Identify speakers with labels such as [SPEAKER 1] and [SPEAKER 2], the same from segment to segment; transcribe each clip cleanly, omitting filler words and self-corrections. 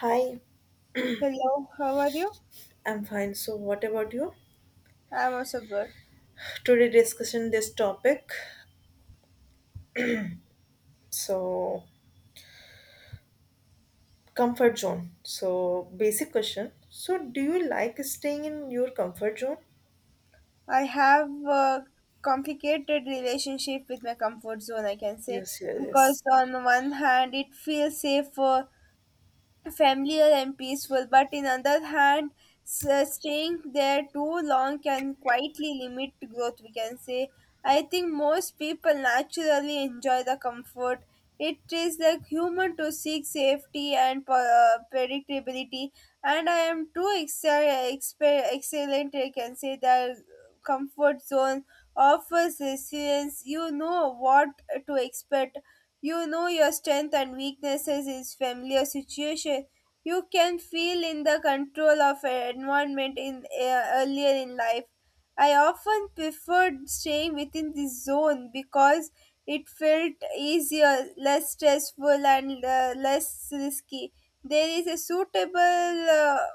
[SPEAKER 1] Hi,
[SPEAKER 2] Hello, how are you?
[SPEAKER 1] I'm fine. So, what about you?
[SPEAKER 2] I'm also good.
[SPEAKER 1] Today discussion this topic. So, Comfort zone. So, basic question. So, do you like staying in your comfort zone?
[SPEAKER 2] I have a complicated relationship with my comfort zone, I can say,
[SPEAKER 1] Yes, yes, yes.
[SPEAKER 2] because on one hand it feels safe, familiar and peaceful, but in other hand, staying there too long can quietly limit growth. We can say. I think most people naturally enjoy the comfort. It is like human to seek safety and predictability, and I am too excellent. I can say the comfort zone of resilience. You know what to expect. You know your strength and weaknesses is familiar situation. You can feel in the control of an environment in earlier in life. I often preferred staying within this zone because it felt easier, less stressful, and less risky. There is a suitable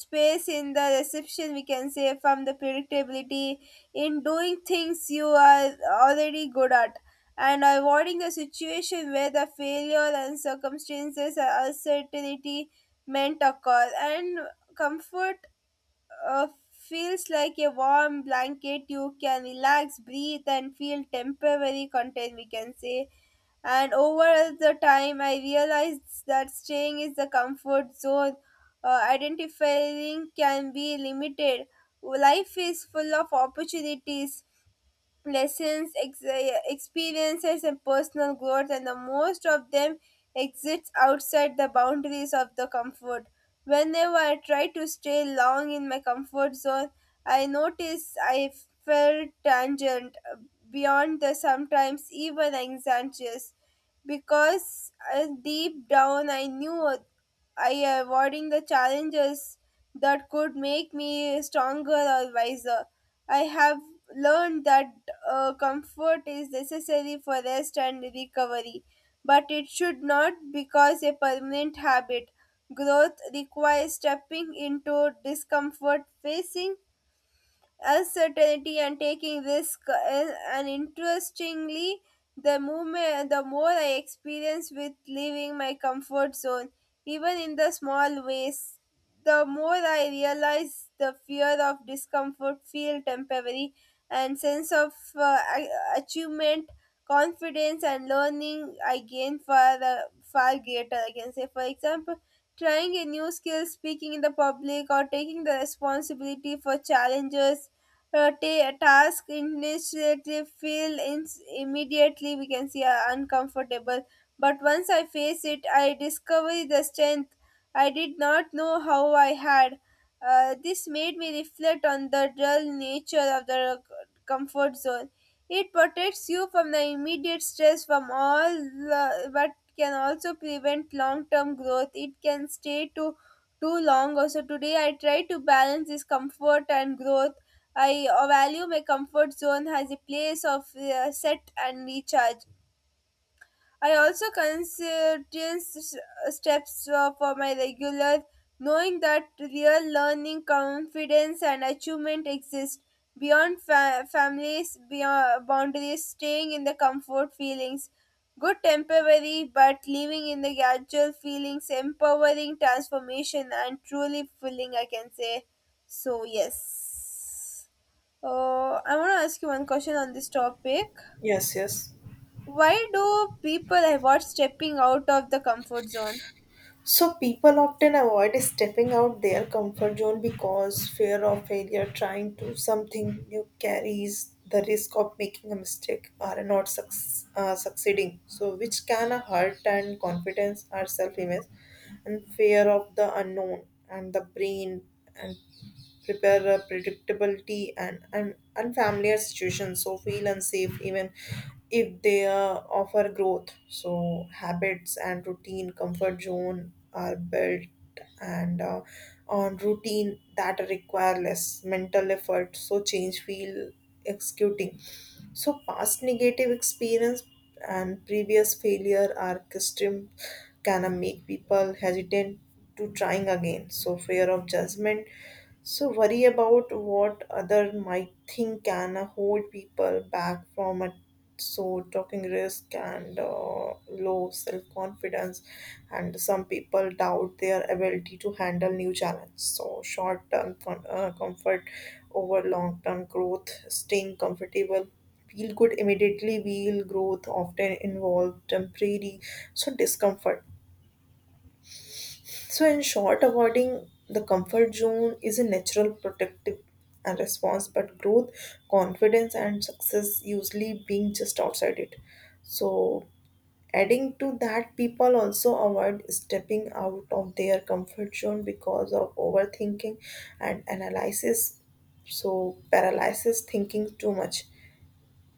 [SPEAKER 2] space in the reception we can say from the predictability in doing things you are already good at and avoiding the situation where the failure and circumstances or uncertainty meant occur and comfort feels like a warm blanket. You can relax, breathe, and feel temporary content, we can say. And over the time, I realized that staying is the comfort zone. Identifying can be limited. Life is full of opportunities, lessons, experiences, and personal growth, and the most of them exists outside the boundaries of the comfort. Whenever I try to stay long in my comfort zone, I notice I felt tangent beyond the sometimes even anxious because deep down I knew I avoiding the challenges that could make me stronger or wiser. I have learned that comfort is necessary for rest and recovery, but it should not because a permanent habit. Growth requires stepping into discomfort, facing uncertainty and taking risk is, and interestingly the movement the more I experience with leaving my comfort zone even in the small ways the more I realize the fear of discomfort feel temporary and sense of achievement confidence and learning I gain far far greater I can say for example trying a new skill speaking in the public or taking the responsibility for challenges task initiative feel immediately we can see uncomfortable but once I face it I discover the strength I did not know how I had. This made me reflect on the dull nature of the comfort zone. It protects you from the immediate stress from all the, but can also prevent long term growth it can stay too long. Also today I try to balance this comfort and growth. I value my comfort zone as a place of set and recharge. I also consider steps for my regular, knowing that real learning, confidence, and achievement exist beyond families, beyond boundaries, staying in the comfort feelings. Good temporary, but living in the gradual feelings, empowering transformation, and truly fulfilling, I can say. So, yes. I want to ask you one question on this topic.
[SPEAKER 1] Yes, yes.
[SPEAKER 2] Why do people avoid stepping out of the comfort zone?
[SPEAKER 1] So people often avoid stepping out their comfort zone because fear of failure, trying to something new carries the risk of making a mistake or not succeeding. So which can hurt and confidence or self-image, and fear of the unknown and the brain and prepare a predictability and an unfamiliar situation so feel unsafe even if they offer growth. So habits and routine comfort zone are built and on routine that require less mental effort so change feel executing. So past negative experience and previous failure are custom can make people hesitant to trying again. So fear of judgment, so worry about what other might think can hold people back from it. So talking risk and low self confidence, and some people doubt their ability to handle new challenges. So short term comfort over long term growth, staying comfortable. Feel good immediately. Feel growth often involve temporary so discomfort. So, in short, avoiding the comfort zone is a natural protective and response, but growth, confidence, and success usually being just outside it. So, adding to that, people also avoid stepping out of their comfort zone because of overthinking and analysis. So, paralysis, thinking too much,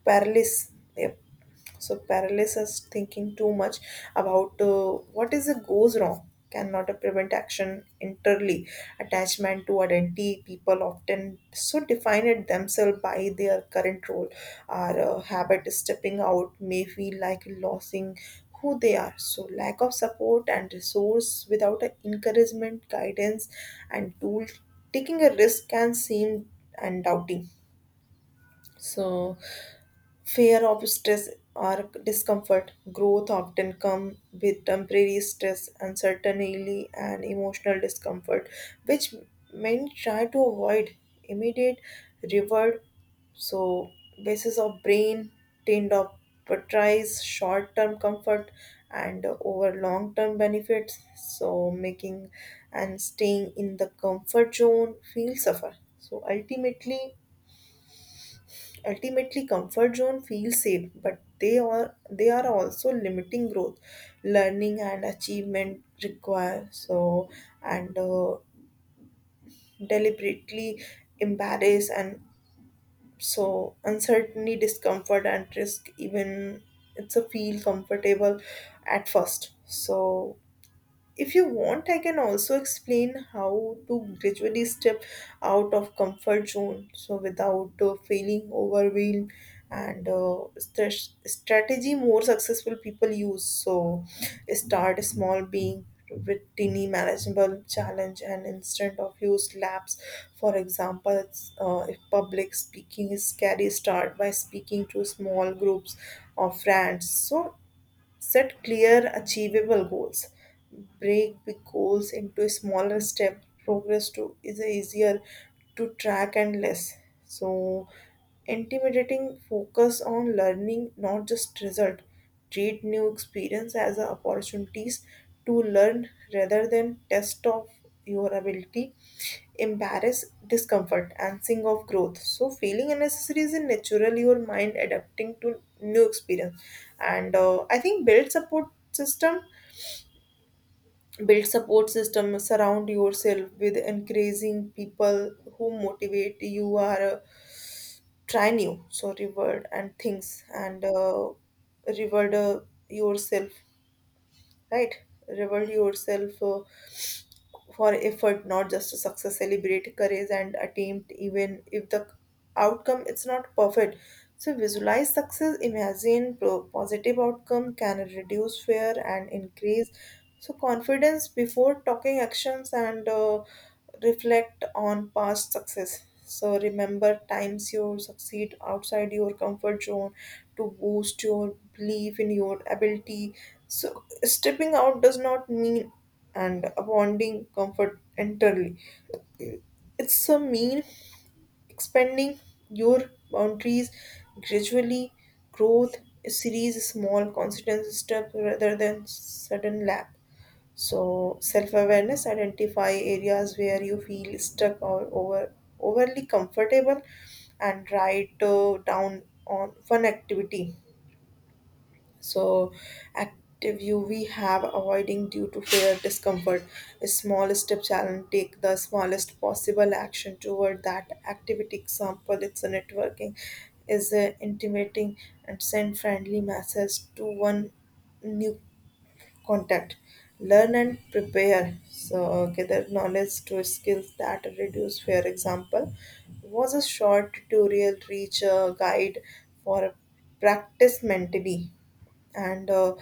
[SPEAKER 1] paralysis, yep. So paralysis, thinking too much about what is it goes wrong, cannot prevent action entirely. Attachment to identity, people often so define it themselves by their current role. Our habit stepping out may feel like losing who they are. So lack of support and resource without a encouragement, guidance, and tool, taking a risk can seem and doubting, so fear of stress or discomfort, growth often come with temporary stress, uncertainty, and emotional discomfort, which many try to avoid immediate reward. So, basis of brain tend of prioritize short-term comfort and over long-term benefits. So, making and staying in the comfort zone feel suffer. So, ultimately ultimately comfort zone feels safe, but they are also limiting growth, learning and achievement require so and deliberately embarrass, and so uncertainty discomfort and risk even it's a feel comfortable at first. So if you want, I can also explain how to gradually step out of comfort zone so without feeling overwhelmed and strategy more successful people use. So start small being with tiny manageable challenge and instead of use laps. For example it's, if public speaking is scary start by speaking to small groups of friends. So set clear, achievable goals. Break big goals into smaller steps. Progress to is easier to track and less. So, intimidating focus on learning, not just result. Treat new experience as a opportunities to learn rather than test of vulnerability, embrace discomfort, and sing of growth. So, feeling unnecessary is a natural your mind adapting to new experience. And I think build support system, surround yourself with encouraging people who motivate you are try new, so reward and things and reward yourself, right? Reward yourself for effort, not just to success. Celebrate courage and attempt, even if the outcome is not perfect. So visualize success, imagine positive outcome can reduce fear and increase so confidence before talking actions and reflect on past success. So remember times you succeed outside your comfort zone to boost your belief in your ability. So stepping out does not mean and abounding comfort entirely. It's a mean expanding your boundaries gradually. Growth a series small consistent step rather than sudden lap. So self-awareness identify areas where you feel stuck or overly comfortable and write down on one activity, so active UV have avoiding due to fear discomfort. A small step challenge take the smallest possible action toward that activity. Example, it's a networking, is a intimating and send friendly message to one new contact. Learn and prepare. So gather knowledge to skills that reduce fear. Example was a short tutorial reach a guide for practice mentally and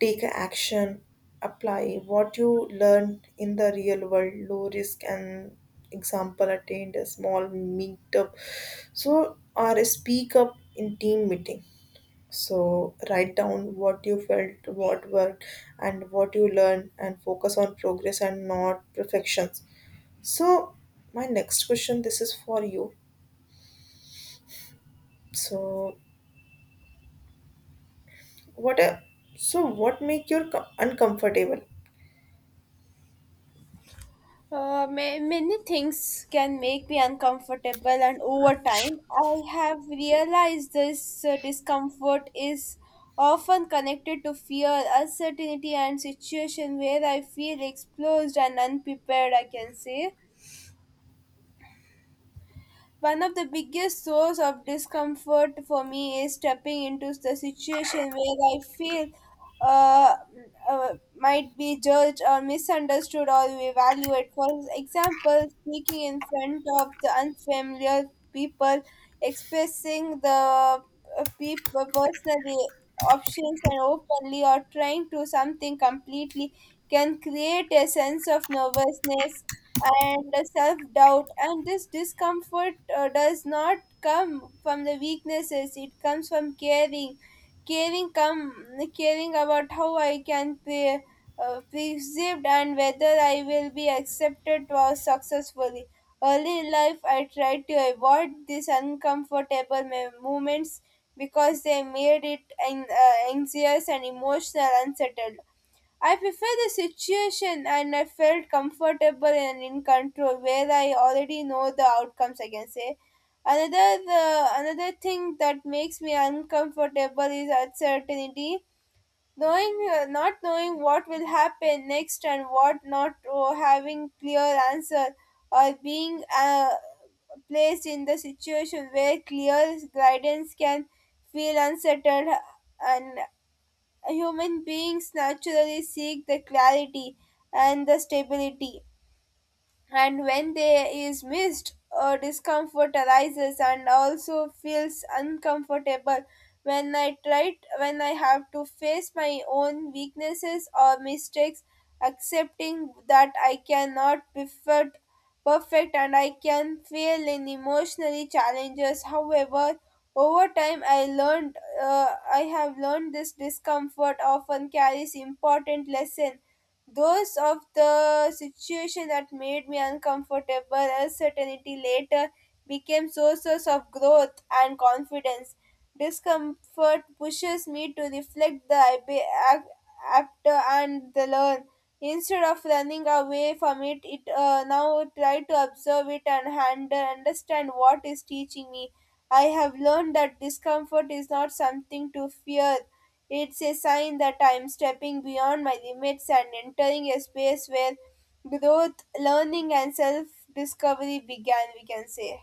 [SPEAKER 1] take action apply what you learn in the real world low risk and example attend a small meetup so or speak up in team meeting. So write down what you felt, what worked, and what you learned, and focus on progress and not perfections. So my next question, this is for you. So what? So what make you uncomfortable?
[SPEAKER 2] Many things can make me uncomfortable, and over time, I have realized this discomfort is often connected to fear, uncertainty, and situation where I feel exposed and unprepared. I can say one of the biggest source of discomfort for me is stepping into the situation where I feel uh, uh, might be judged or misunderstood or evaluated. For example, speaking in front of the unfamiliar people, expressing the people personally options and openly or trying to something completely can create a sense of nervousness and self doubt and this discomfort does not come from the weaknesses. It comes from caring caring come caring about how I can be perceived and whether I will be accepted or successfully. Early in life, I tried to avoid these uncomfortable moments because they made it anxious and emotional unsettled. I prefer the situation and I felt comfortable and in control where I already know the outcomes I can say. Another Another thing that makes me uncomfortable is uncertainty. Knowing not knowing what will happen next and what not or having clear answer or being placed in the situation where clear guidance can feel unsettled and human beings naturally seek the clarity and the stability and when they is missed discomfort arises. And also feels uncomfortable when i have to face my own weaknesses or mistakes accepting that I cannot be perfect and I can fail in emotionally challenges. However over time I learned i have learned this discomfort often carries important lesson. Those of the situation that made me uncomfortable, uncertainty later became sources of growth and confidence. Discomfort pushes me to reflect the after and the learn. Instead of running away from it, it now try to observe it and handle, understand what is teaching me. I have learned that discomfort is not something to fear. It's a sign that I am stepping beyond my limits and entering a space where growth, learning, and self discovery began, we can say.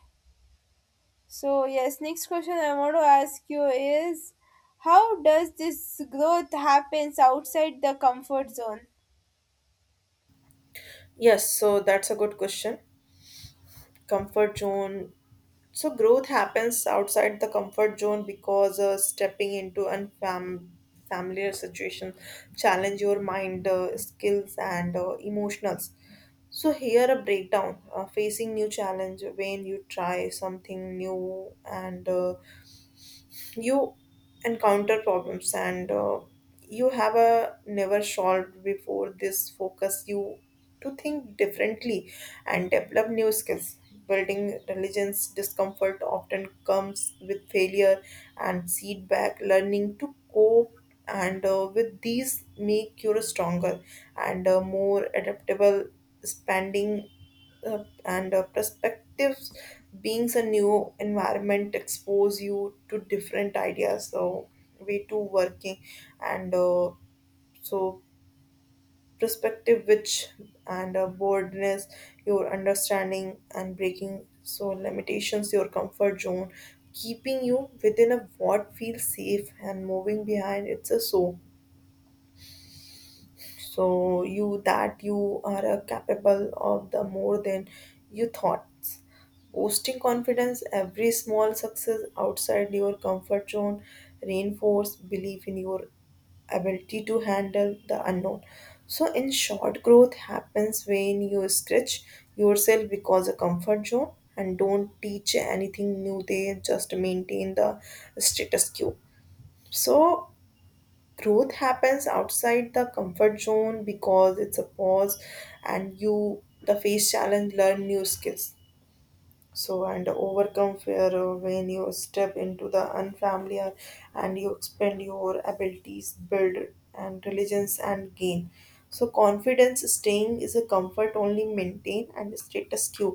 [SPEAKER 2] So, yes, next question I want to ask you is how does this growth happens outside the comfort zone?
[SPEAKER 1] Yes, so that's a good question. Comfort zone. So growth happens outside the comfort zone because stepping into familiar situation challenge your mind, skills, and emotionals. So here a breakdown facing new challenge when you try something new and you encounter problems and you have a never solved before this focus you to think differently and develop new skills, building intelligence discomfort often comes with failure and feedback learning to cope and with these make you stronger and more adaptable spending and perspectives, beings a new environment expose you to different ideas, so way to working and so perspective which and boldness, your understanding and breaking so limitations your comfort zone keeping you within a what feels safe and moving behind it's a so so you that you are capable of the more than you thought, boosting confidence. Every small success outside your comfort zone reinforce belief in your ability to handle the unknown. So in short growth happens when you stretch yourself because a comfort zone and don't teach anything new, they just maintain the status quo. So growth happens outside the comfort zone because it's a pause and you the face challenge learn new skills and overcome fear when you step into the unfamiliar and you expand your abilities build and diligence and gain so confidence. Staying is a comfort only maintain and status quo,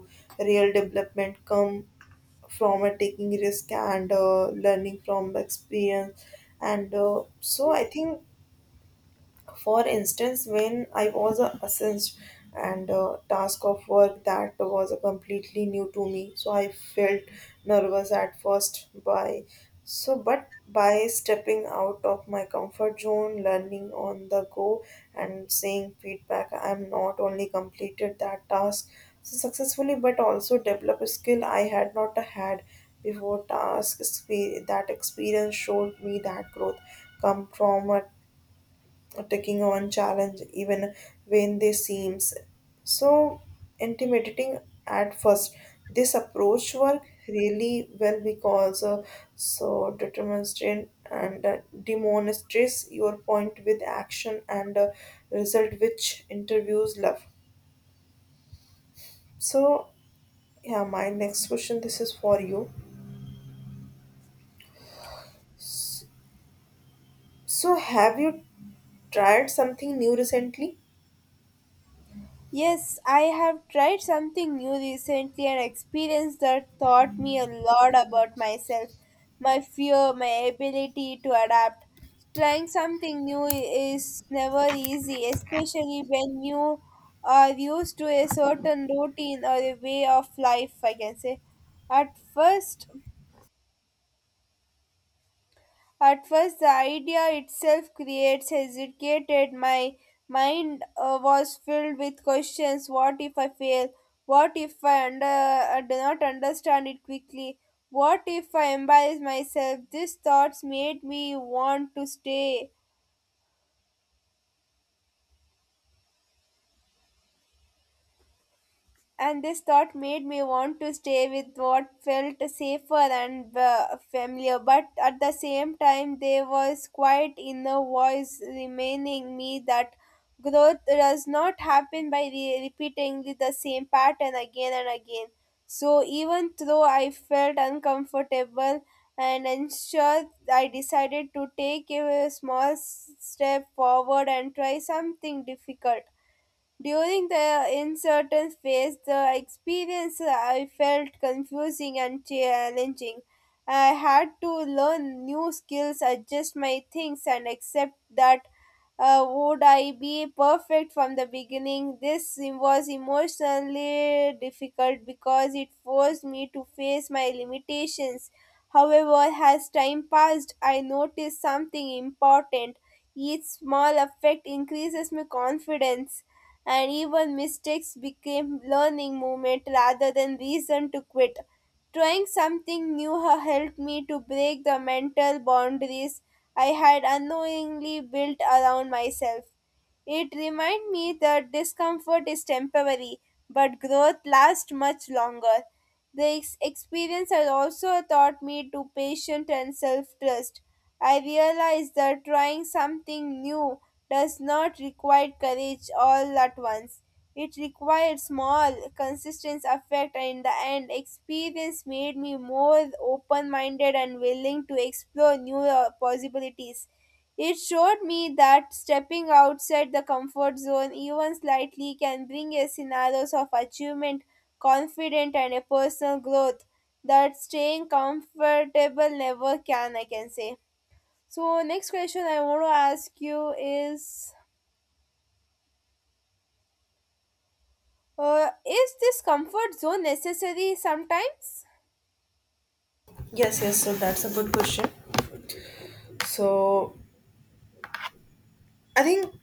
[SPEAKER 1] real development come from a taking risk and learning from experience and so I think for instance, when I was assessed and task of work that was completely new to me, so I felt nervous at first. But by stepping out of my comfort zone, learning on the go, and seeing feedback, I am not only completed that task so successfully, but also develop a skill I had not had before. That experience showed me that growth come from a or taking on challenge even when they seems so intimidating at first. This approach work really well because demonstrate and demonstrates your point with action and result which interviews love. So yeah my next question this is for you. S- so have you tried something new recently?
[SPEAKER 2] Yes, I have tried something new recently an experience that taught me a lot about myself, my fear, my ability to adapt. Trying something new is never easy, especially when you are used to a certain routine or a way of life, I can say. At first, at first, the idea itself creates hesitated. My mind was filled with questions. What if I fail? What if I under, do not understand it quickly? What if I embarrass myself? These thoughts made me want to stay and this thought made me want to stay with what felt safer and familiar but at the same time there was quiet inner voice reminding me that growth does not happen by repeating the same pattern again and again so even though I felt uncomfortable and unsure I decided to take a small step forward and try something difficult during the uncertain phase, the experience I felt confusing and challenging. I had to learn new skills, adjust my things, and accept that would I be perfect from the beginning. This was emotionally difficult because it forced me to face my limitations. However, as time passed, I noticed something important. Each small effect increases my confidence and even mistakes became learning moment rather than reason to quit. Trying something new helped me to break the mental boundaries I had unknowingly built around myself. It reminded me that discomfort is temporary, but growth lasts much longer. The experience has also taught me to patience and self trust. I realized that trying something new does not require courage all at once. It requires small, consistent effort, and in the end, experience made me more open minded and willing to explore new possibilities. It showed me that stepping outside the comfort zone, even slightly, can bring a scenarios of achievement, confidence, and a personal growth that staying comfortable never can, I can say. So, next question I want to ask you is this comfort zone necessary sometimes?
[SPEAKER 1] Yes, yes, so that's a good question. So I think,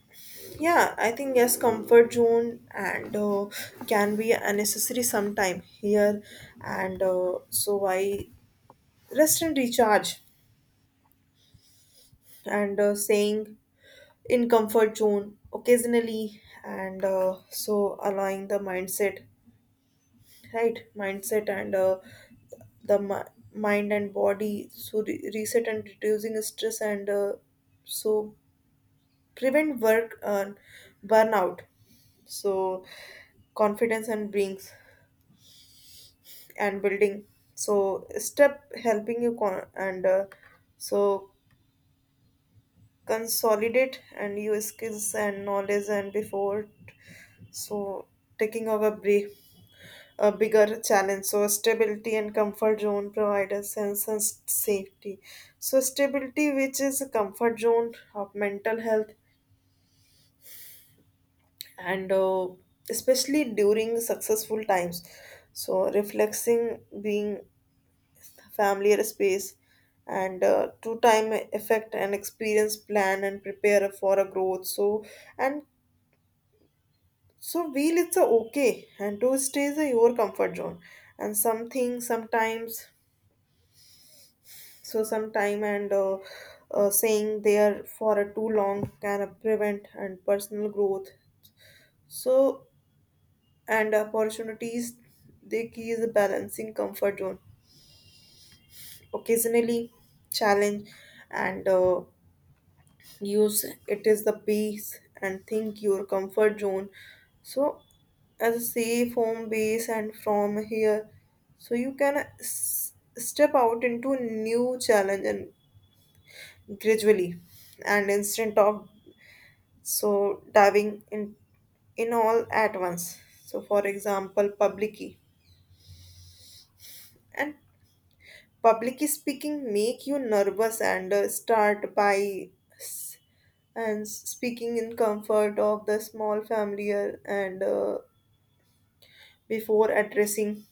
[SPEAKER 1] yeah, I think yes, comfort zone and can be unnecessary sometime here, and so I rest and recharge, and saying in comfort zone occasionally, and so allowing the mindset, right? Mindset and the mind and body so reset and reducing stress and so prevent work burnout. So confidence and brings and building so step helping you con- and so consolidate and your skills and knowledge and before so taking over a bigger challenge. So stability and comfort zone provide a sense of safety, so stability which is a comfort zone of mental health and especially during successful times. So reflecting being familiar space and to time effect and experience plan and prepare for a growth so and so wheel it's a okay and to stay is a your comfort zone and something sometimes so sometime and saying there for a too long can prevent and personal growth so and opportunities. The key is balancing comfort zone occasionally challenge and use it is the peace and think your comfort zone so as a safe home base, and from here so you can step out into new challenge and gradually and instead of so diving in all at once. So for example public key and public speaking make you nervous and start by and speaking in comfort of the small familiar, and before addressing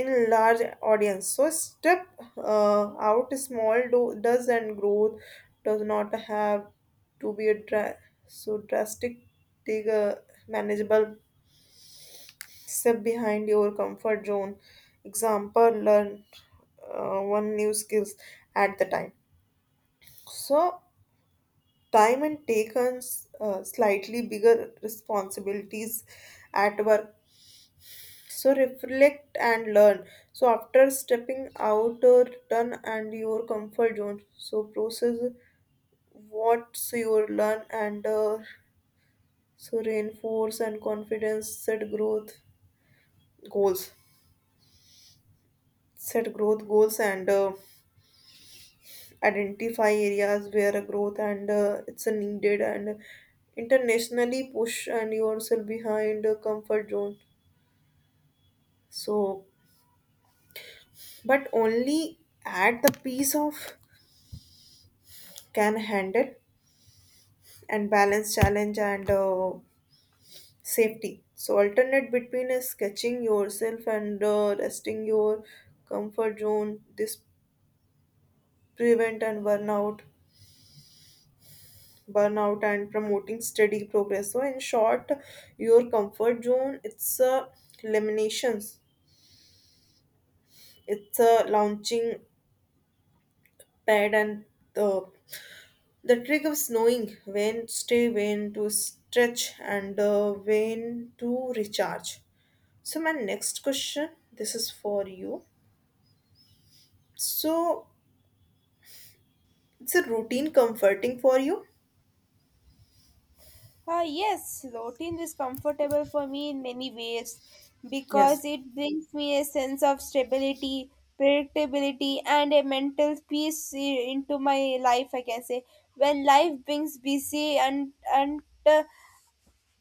[SPEAKER 1] in large audience so step out small do, does and growth does not have to be a drastic. Take a manageable step behind your comfort zone. Example learn one new skills at the time so time and take on slightly bigger responsibilities at work. So reflect and learn so after stepping out or return and your comfort zone so process what's your learn and so reinforce and confidence set growth goals, set growth goals and identify areas where a growth and it's a needed and internationally push and yourself behind a comfort zone. So, but only add the piece of can handle And balance challenge and safety. So alternate between is sketching yourself and resting your comfort zone. This prevent and burnout and promoting steady progress. So, in short, your comfort zone it's eliminations, it's a launching pad and the the trick of knowing when to stay, when to stretch, and when to recharge. So my next question this is for you. So it's a routine comforting for you?
[SPEAKER 2] Ah, yes, routine is comfortable for me in many ways
[SPEAKER 1] Yes.
[SPEAKER 2] because it brings me a sense of stability, predictability, and a mental peace into my life. I can say when life brings busy and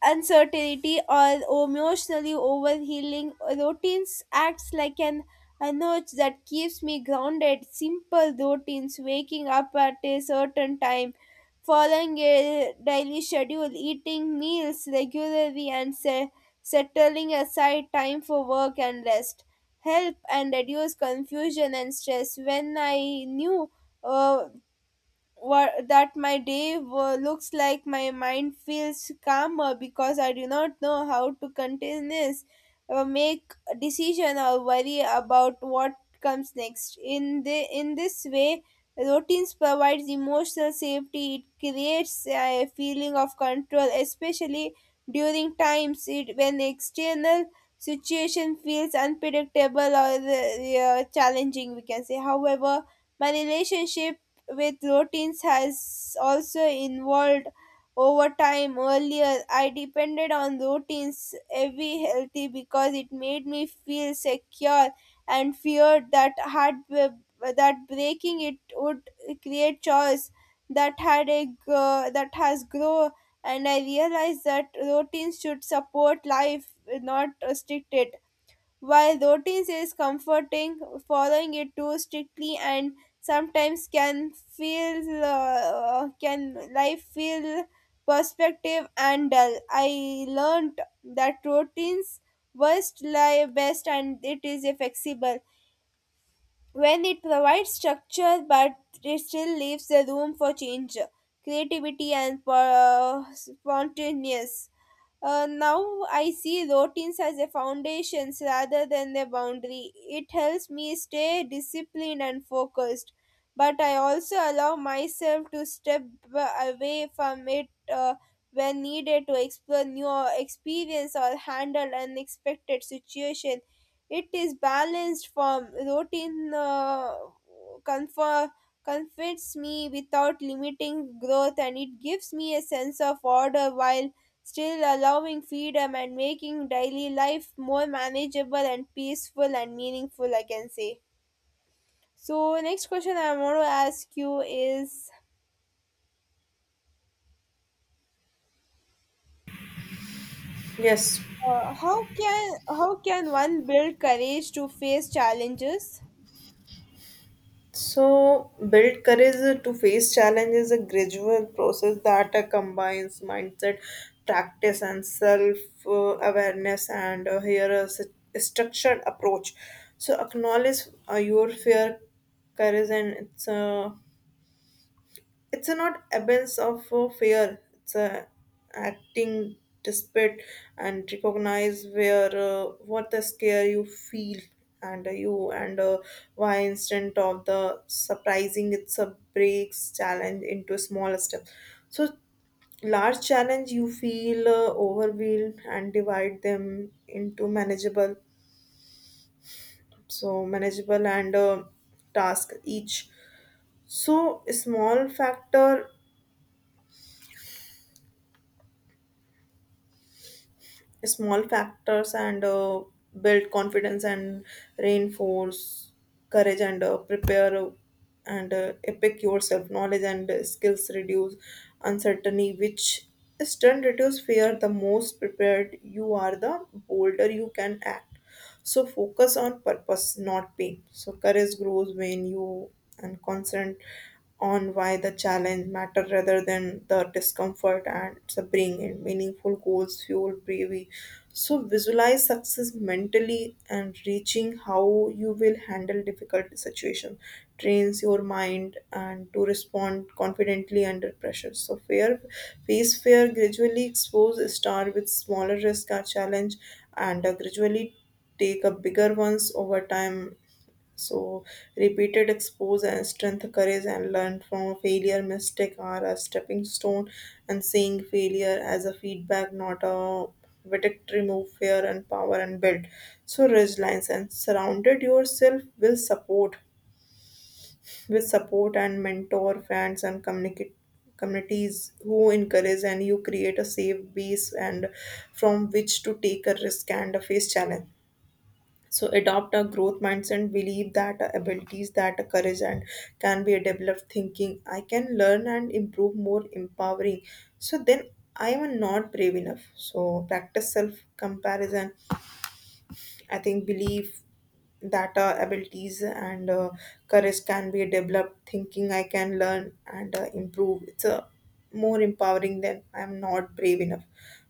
[SPEAKER 2] uncertainty or emotionally overhealing routines acts like an a notch that keeps me grounded. Simple routines waking up at a certain time following a daily schedule eating meals regularly and settling aside time for work and rest help and reduce confusion and stress when I knew uh, what that my day looks like. My mind feels calmer because I do not know how to continuous make a decision or worry about what comes next in the in this way routines provides emotional safety. It creates a feeling of control especially during times it, when external situation feels unpredictable or challenging we can say. However my relationship with routines has also involved over time. Earlier, I depended on routines every healthy because it made me feel secure and feared that had that breaking it would create chaos that had a gr- that has grow and I realized that routines should support life, not restrict it. While routines is comforting, following it too strictly and sometimes can feel can life feel perspective and dull. I learned that routines worst lie best and it is a flexible when it provides structure but it still leaves the room for change, creativity, and spontaneous. Now I see routines as a foundations rather than a boundary. It helps me stay disciplined and focused, but I also allow myself to step away from it when needed to explore new experience or handle unexpected situation. It is balanced form. Routine confer- comforts me without limiting growth, and it gives me a sense of order while still allowing freedom and making daily life more manageable and peaceful and meaningful. I can say. So next question I want to ask you is
[SPEAKER 1] Yes.
[SPEAKER 2] how can one build courage to face challenges?
[SPEAKER 1] So build courage to face challenge is a gradual process that combines mindset, practice, and self awareness. And here is a structured approach. So acknowledge your fear, courage, and it's a not absence of fear it's a acting despite and recognize where what the scare you feel and you and why instant of the surprising it's a breaks challenge into smaller steps so large challenge you feel overwhelmed and divide them into manageable so manageable and task each so small factor small factors and build confidence and reinforce courage and prepare and epic yourself knowledge and skills reduce uncertainty which is turn reduce fear the most prepared you are the bolder you can act. So focus on purpose, not pain. So courage grows when you and constant on why the challenge matter rather than the discomfort and the bring in meaningful goals fuel bravery. So visualize success mentally and reaching how you will handle difficult situation trains your mind and to respond confidently under pressure. So fear face fear gradually expose star with smaller risk or challenge and gradually take up bigger ones over time. So repeated expose and strength, courage, and learn from failure. Mistake are a stepping stone, and seeing failure as a feedback, not a verdict. Remove fear and power and build. So resilience and surrounded yourself with support and mentor, friends, and communicate communities who encourage and you create a safe base and from which to take a risk and face challenge. So adopt a growth mindset, believe that abilities that are courage and can be a developed thinking. I can learn and improve more empowering. So then I am not brave enough. So practice self comparison. I think believe that abilities and courage can be developed thinking I can learn and improve it's a more empowering than I'm not brave enough.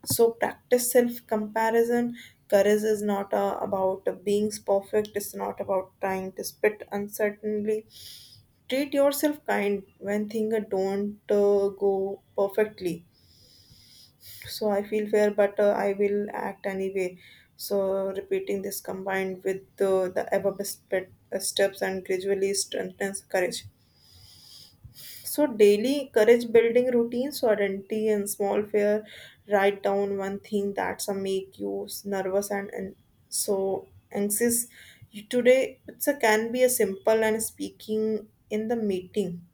[SPEAKER 1] So practice self comparison. Courage is not about being perfect. It's not about trying to spit uncertainly. Treat yourself kind when things don't go perfectly. So I feel fair but I will act anyway. So repeating this combined with the above steps and gradually strengthens courage. So daily courage building routines so identity and small fear. Write down one thing that's some make you nervous and so anxious. Today it's a can be a simple and speaking in the meeting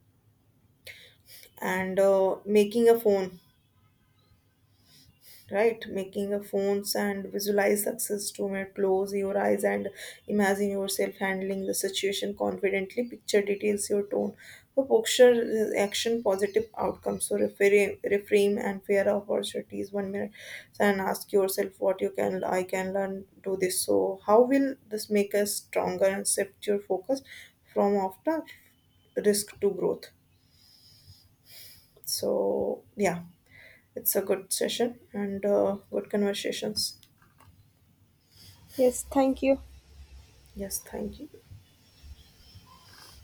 [SPEAKER 1] and making a phone, right, making a phones and visualize success to me. Close your eyes and imagine yourself handling the situation confidently. Picture details your tone for posture, action positive outcomes. So reframe, reframe and fear of opportunities one minute. So and ask yourself what you can I can learn do this. So how will this make us stronger and shift your focus from after risk to growth. So yeah, it's a good session and good conversations.
[SPEAKER 2] Yes, thank you.
[SPEAKER 1] Yes, thank you.